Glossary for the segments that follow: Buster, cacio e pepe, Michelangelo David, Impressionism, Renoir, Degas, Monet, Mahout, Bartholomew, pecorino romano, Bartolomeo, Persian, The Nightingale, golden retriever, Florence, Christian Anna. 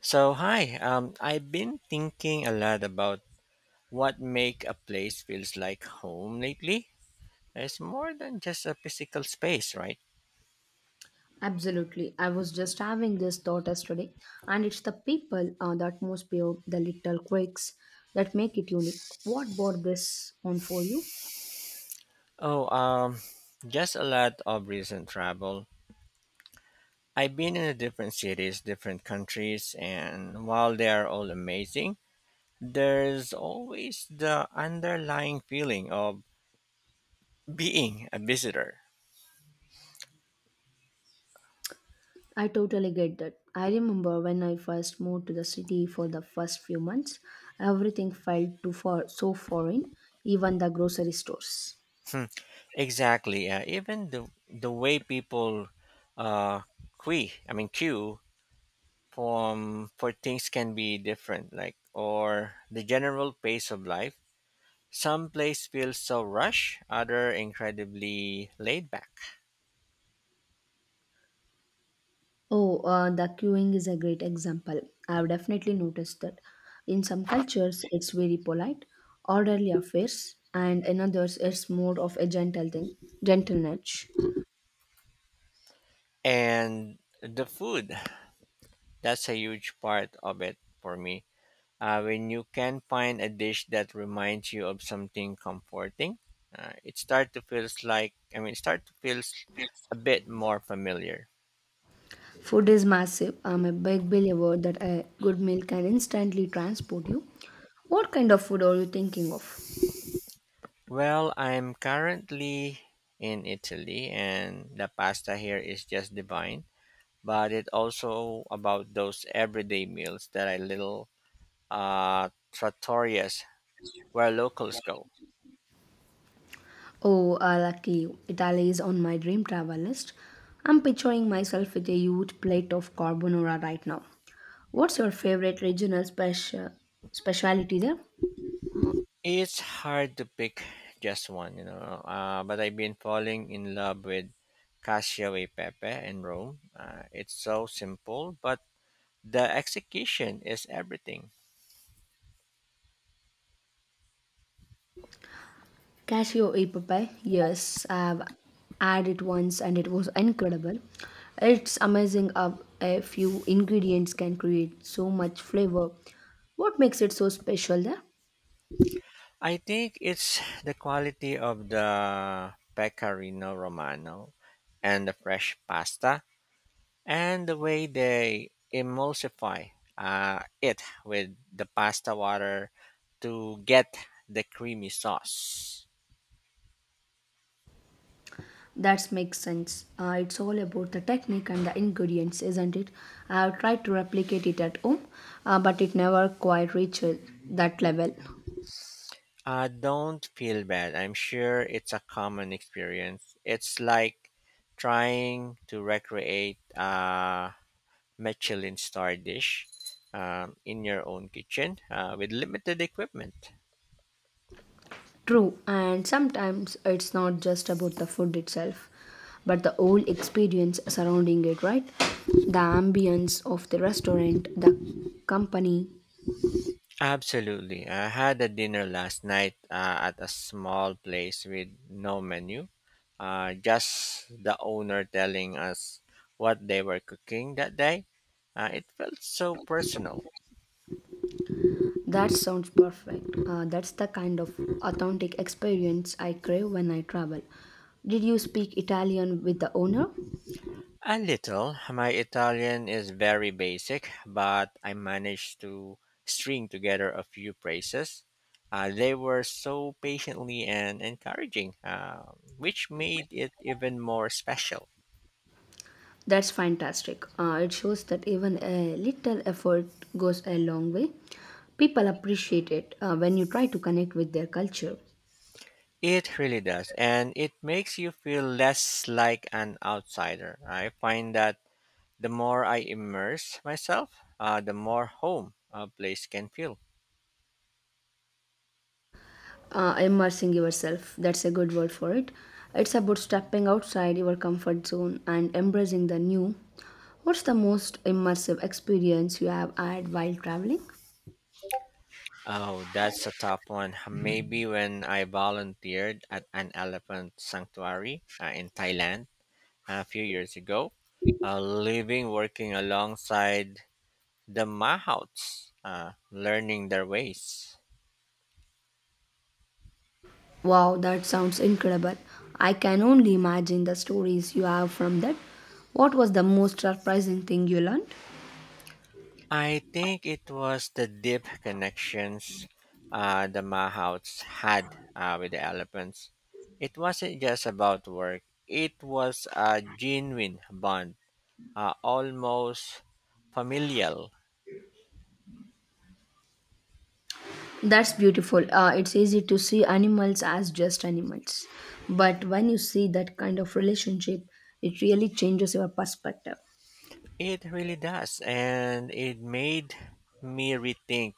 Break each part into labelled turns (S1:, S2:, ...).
S1: So hi, I've been thinking a lot about what make a place feels like home lately. It's more than just a physical space, right?
S2: Absolutely. I was just having this thought yesterday, and it's the people that most pay the little quirks that make it unique. What brought this on for you?
S1: Oh, just a lot of recent travel. I've been in a different cities, different countries, and while they are all amazing, there's always the underlying feeling of being a visitor.
S2: I totally get that. I remember when I first moved to the city for the first few months, everything felt too far so foreign, even the grocery stores.
S1: Exactly. Even the way people uh, queue, I mean queue for things can be different, like or the general pace of life. Some place feels so rush, other incredibly laid back.
S2: Oh, the queuing is a great example. I've definitely noticed that. In some cultures, it's very polite, orderly affairs, and in others, it's more of a gentle thing, gentle nudge.
S1: And the food, that's a huge part of it for me. When you can find a dish that reminds you of something comforting, it start to feels it start to feels a bit more familiar.
S2: Food is massive. I'm a big believer that a good meal can instantly transport you. What kind of food are you thinking of?
S1: Well, I'm currently in Italy and the pasta here is just divine, but it also about those everyday meals that I little trattorias where locals go.
S2: Oh, lucky you. Italy is on my dream travel list. I'm picturing myself with a huge plate of carbonara right now. What's your favorite regional specialty there?
S1: It's hard to pick just one, you know, but I've been falling in love with cacio e pepe in Rome. It's so simple, but the execution is everything.
S2: Cashew e papaya. Yes, I've had it once and it was incredible. It's amazing how a few ingredients can create so much flavor. What makes it so special there?
S1: I think it's the quality of the pecorino romano and the fresh pasta and the way they emulsify it with the pasta water to get the creamy sauce.
S2: That makes sense. It's all about the technique and the ingredients, isn't it? I have tried to replicate it at home, but it never quite reaches that level.
S1: Don't feel bad. I'm sure it's a common experience. It's like trying to recreate a Michelin star dish in your own kitchen with limited equipment.
S2: True, and sometimes it's not just about the food itself, but the whole experience surrounding it, right? The ambience of the restaurant, the company.
S1: Absolutely. I had a dinner last night at a small place with no menu. Just the owner telling us what they were cooking that day. It felt so personal.
S2: That sounds perfect. That's the kind of authentic experience I crave when I travel. Did you speak Italian with the owner?
S1: A little. My Italian is very basic, but I managed to string together a few phrases. They were so patiently and encouraging, which made it even more special.
S2: That's fantastic. It shows that even a little effort goes a long way. People appreciate it when you try to connect with their culture.
S1: It really does, and it makes you feel less like an outsider. I find that the more I immerse myself, the more home a place can feel.
S2: Immersing yourself, that's a good word for it. It's about stepping outside your comfort zone and embracing the new. What's the most immersive experience you have had while traveling?
S1: Oh, that's a tough one. Maybe when I volunteered at an elephant sanctuary in Thailand a few years ago, living, working alongside the Mahouts, learning their ways.
S2: Wow, that sounds incredible. I can only imagine the stories you have from that. What was the most surprising thing you learned?
S1: I think it was the deep connections the Mahouts had with the elephants. It wasn't just about work, it was a genuine bond, almost familial.
S2: That's beautiful. It's easy to see animals as just animals. But when you see that kind of relationship, it really changes your perspective.
S1: It really does, and it made me rethink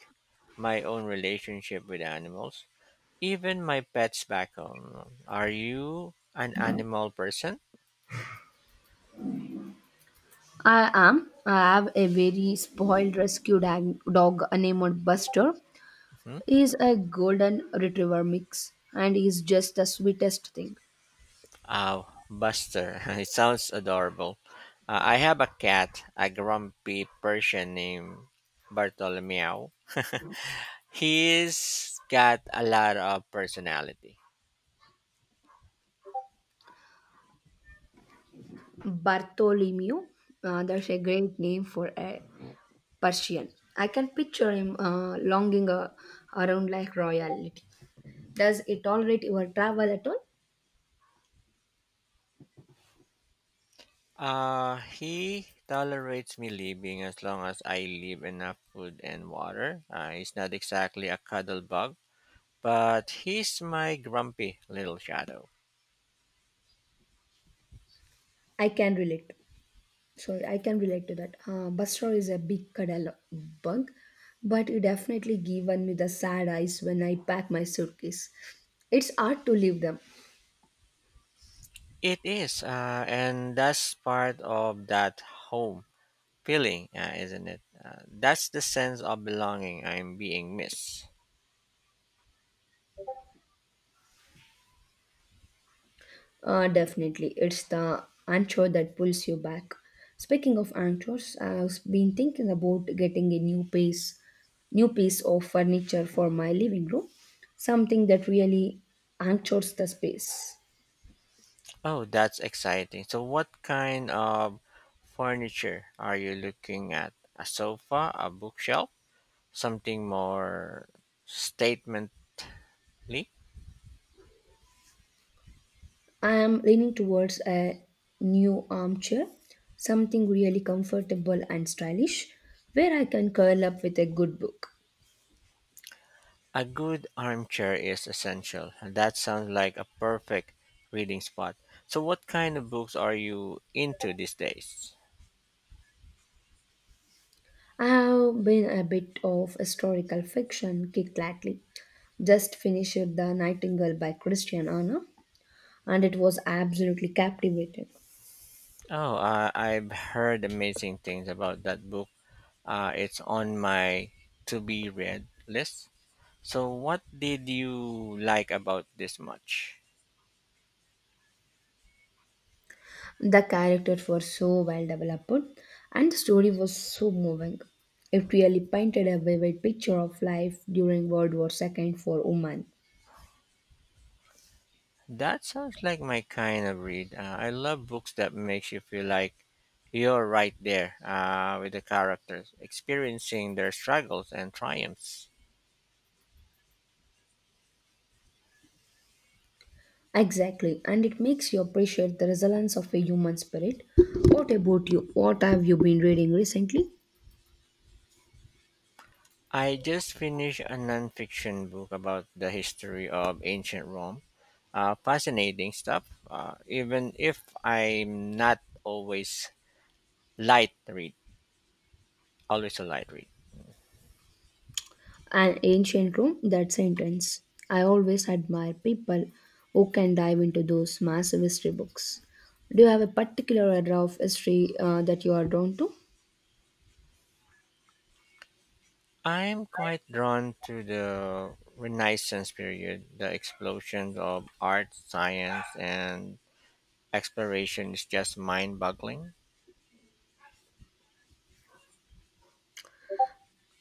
S1: my own relationship with animals, even my pets back home. Are you an animal person?
S2: I am. I have a very spoiled rescue dog named Buster.
S1: Mhm.
S2: He's a golden retriever mix and he's just the sweetest thing.
S1: Oh, Buster. It sounds adorable. I have a cat, a grumpy Persian named Bartolomeo. He's got a lot of personality.
S2: Bartholomew, that's a great name for a Persian. I can picture him longing around like royalty. Does it tolerate your travel at all?
S1: He tolerates me leaving as long as I leave enough food and water. He's not exactly a cuddle bug, but he's my grumpy little shadow.
S2: I can relate. Sorry, I can relate to that. Buster is a big cuddle bug, but he definitely given me the sad eyes when I pack my suitcase. It's hard to leave them.
S1: It is, and that's part of that home. Feeling, isn't it? That's the sense of belonging I'm being missed.
S2: Definitely. It's the anchor that pulls you back. Speaking of anchors, I've been thinking about getting a new piece of furniture for my living room, something that really anchors the space.
S1: Oh, that's exciting. So, what kind of furniture are you looking at? A sofa, a bookshelf, something more statemently?
S2: I am leaning towards a new armchair, something really comfortable and stylish, where I can curl up with a good book.
S1: A good armchair is essential. That sounds like a perfect reading spot. So, what kind of books are you into these days?
S2: I have been a bit of historical fiction kick lately. Just finished The Nightingale by Christian Anna, and it was absolutely captivating.
S1: Oh, I've heard amazing things about that book. It's on my to be read list. So, what did you like about this much?
S2: The characters were so well developed, and the story was so moving. It really painted a vivid picture of life during World War II for women.
S1: That sounds like my kind of read. I love books that makes you feel like you're right there with the characters, experiencing their struggles and triumphs.
S2: Exactly, and it makes you appreciate the resilience of a human spirit. What about you? What have you been reading recently?
S1: I just finished a nonfiction book about the history of ancient Rome. Fascinating stuff, even if I'm not always light read, always a light read.
S2: An ancient room, that sentence. I always admire people who can dive into those massive history books. Do you have a particular era of history that you are drawn to?
S1: I'm quite drawn to the Renaissance period. The explosion of art, science, and exploration is just mind boggling.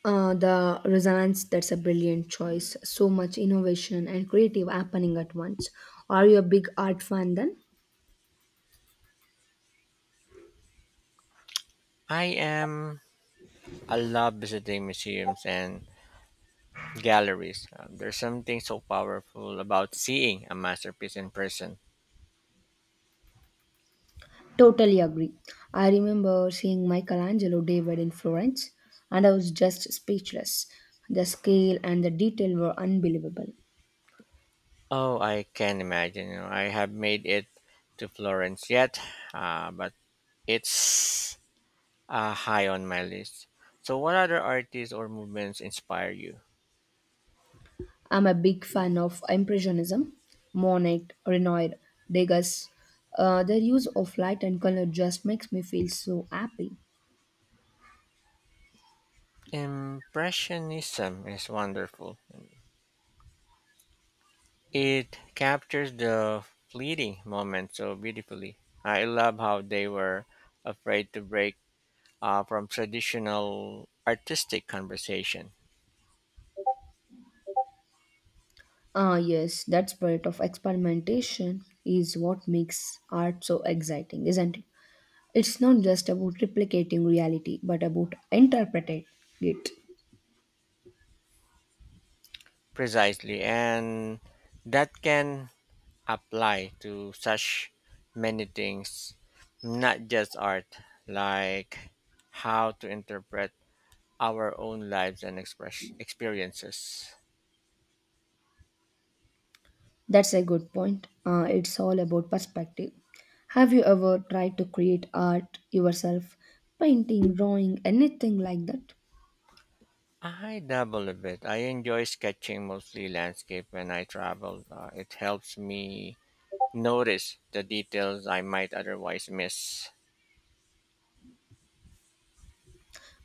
S2: The resonance, that's a brilliant choice. So much innovation and creative happening at once. Are you a big art fan then?
S1: I am, I love visiting museums and galleries. There's something so powerful about seeing a masterpiece in person.
S2: Totally agree. I remember seeing Michelangelo David in Florence and I was just speechless. The scale and the detail were unbelievable.
S1: Oh, I can imagine. You know, I have made it to Florence yet, but it's high on my list. So, what other artists or movements inspire you?
S2: I'm a big fan of Impressionism, Monet, Renoir, Degas. Their use of light and color just makes me feel so happy.
S1: Impressionism is wonderful. It captures the fleeting moment so beautifully. I love how they were afraid to break from traditional artistic conversation.
S2: Ah, yes, that spirit of experimentation is what makes art so exciting, isn't it? It's not just about replicating reality, but about interpreting it.
S1: Precisely, and that can apply to such many things, not just art, like how to interpret our own lives and express experiences.
S2: That's a good point. It's all about perspective. Have you ever tried to create art yourself? Painting, drawing, anything like that?
S1: I dabble a bit. I enjoy sketching mostly landscape when I travel. It helps me notice the details I might otherwise miss.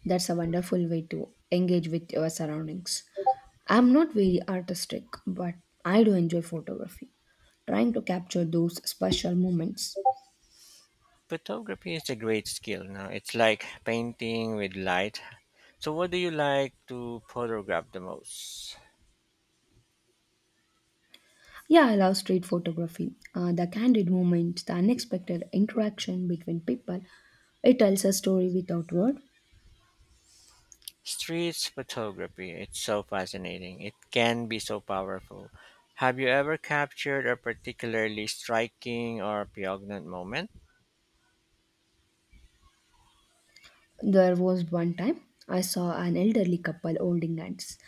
S2: That's a wonderful way to engage with your surroundings. I'm not very artistic, but I do enjoy photography. Trying to capture those special moments.
S1: Photography is a great skill. Now it's like painting with light. So, what do you like to photograph the most?
S2: Yeah, I love street photography. The candid moments, the unexpected interaction between people. It tells a story without word.
S1: Streets photography. It's so fascinating. It can be so powerful. Have you ever captured a particularly striking or poignant moment?
S2: There was one time I saw an elderly couple holding hands,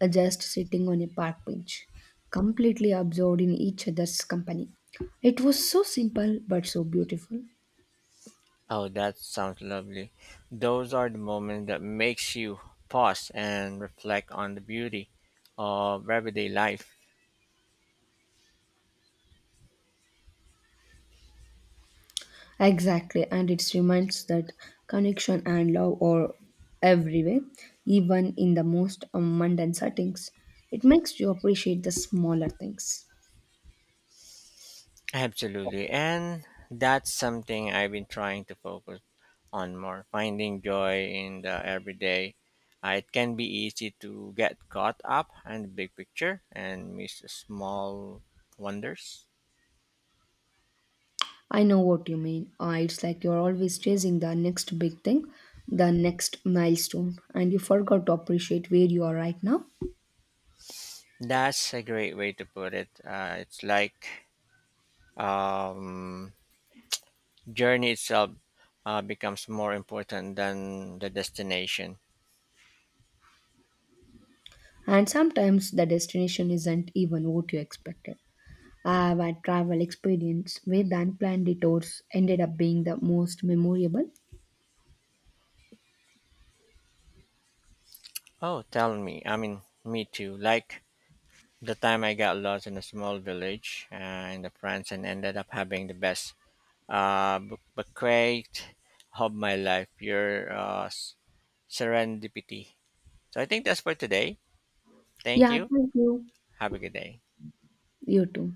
S2: just sitting on a park bench, completely absorbed in each other's company. It was so simple but so beautiful.
S1: Oh, that sounds lovely. Those are the moments that makes you pause and reflect on the beauty of everyday life.
S2: Exactly, and it reminds that connection and love are everywhere, even in the most mundane settings. It makes you appreciate the smaller things.
S1: Absolutely. And that's something I've been trying to focus on more, finding joy in the everyday. It can be easy to get caught up in the big picture and miss the small wonders.
S2: I know what you mean. It's like you're always chasing the next big thing, the next milestone, and you forgot to appreciate where you are right now.
S1: That's a great way to put it. It's like um, journey itself becomes more important than the destination.
S2: And sometimes the destination isn't even what you expected. I have had travel experience where the unplanned detours ended up being the most memorable.
S1: Oh, tell me. I mean, me too. Like the time I got lost in a small village in the France and ended up having the best bucrate of my life, your serendipity. So I think that's for today. Thank
S2: Yeah,
S1: you.
S2: thank you.
S1: Have a good day.
S2: You too.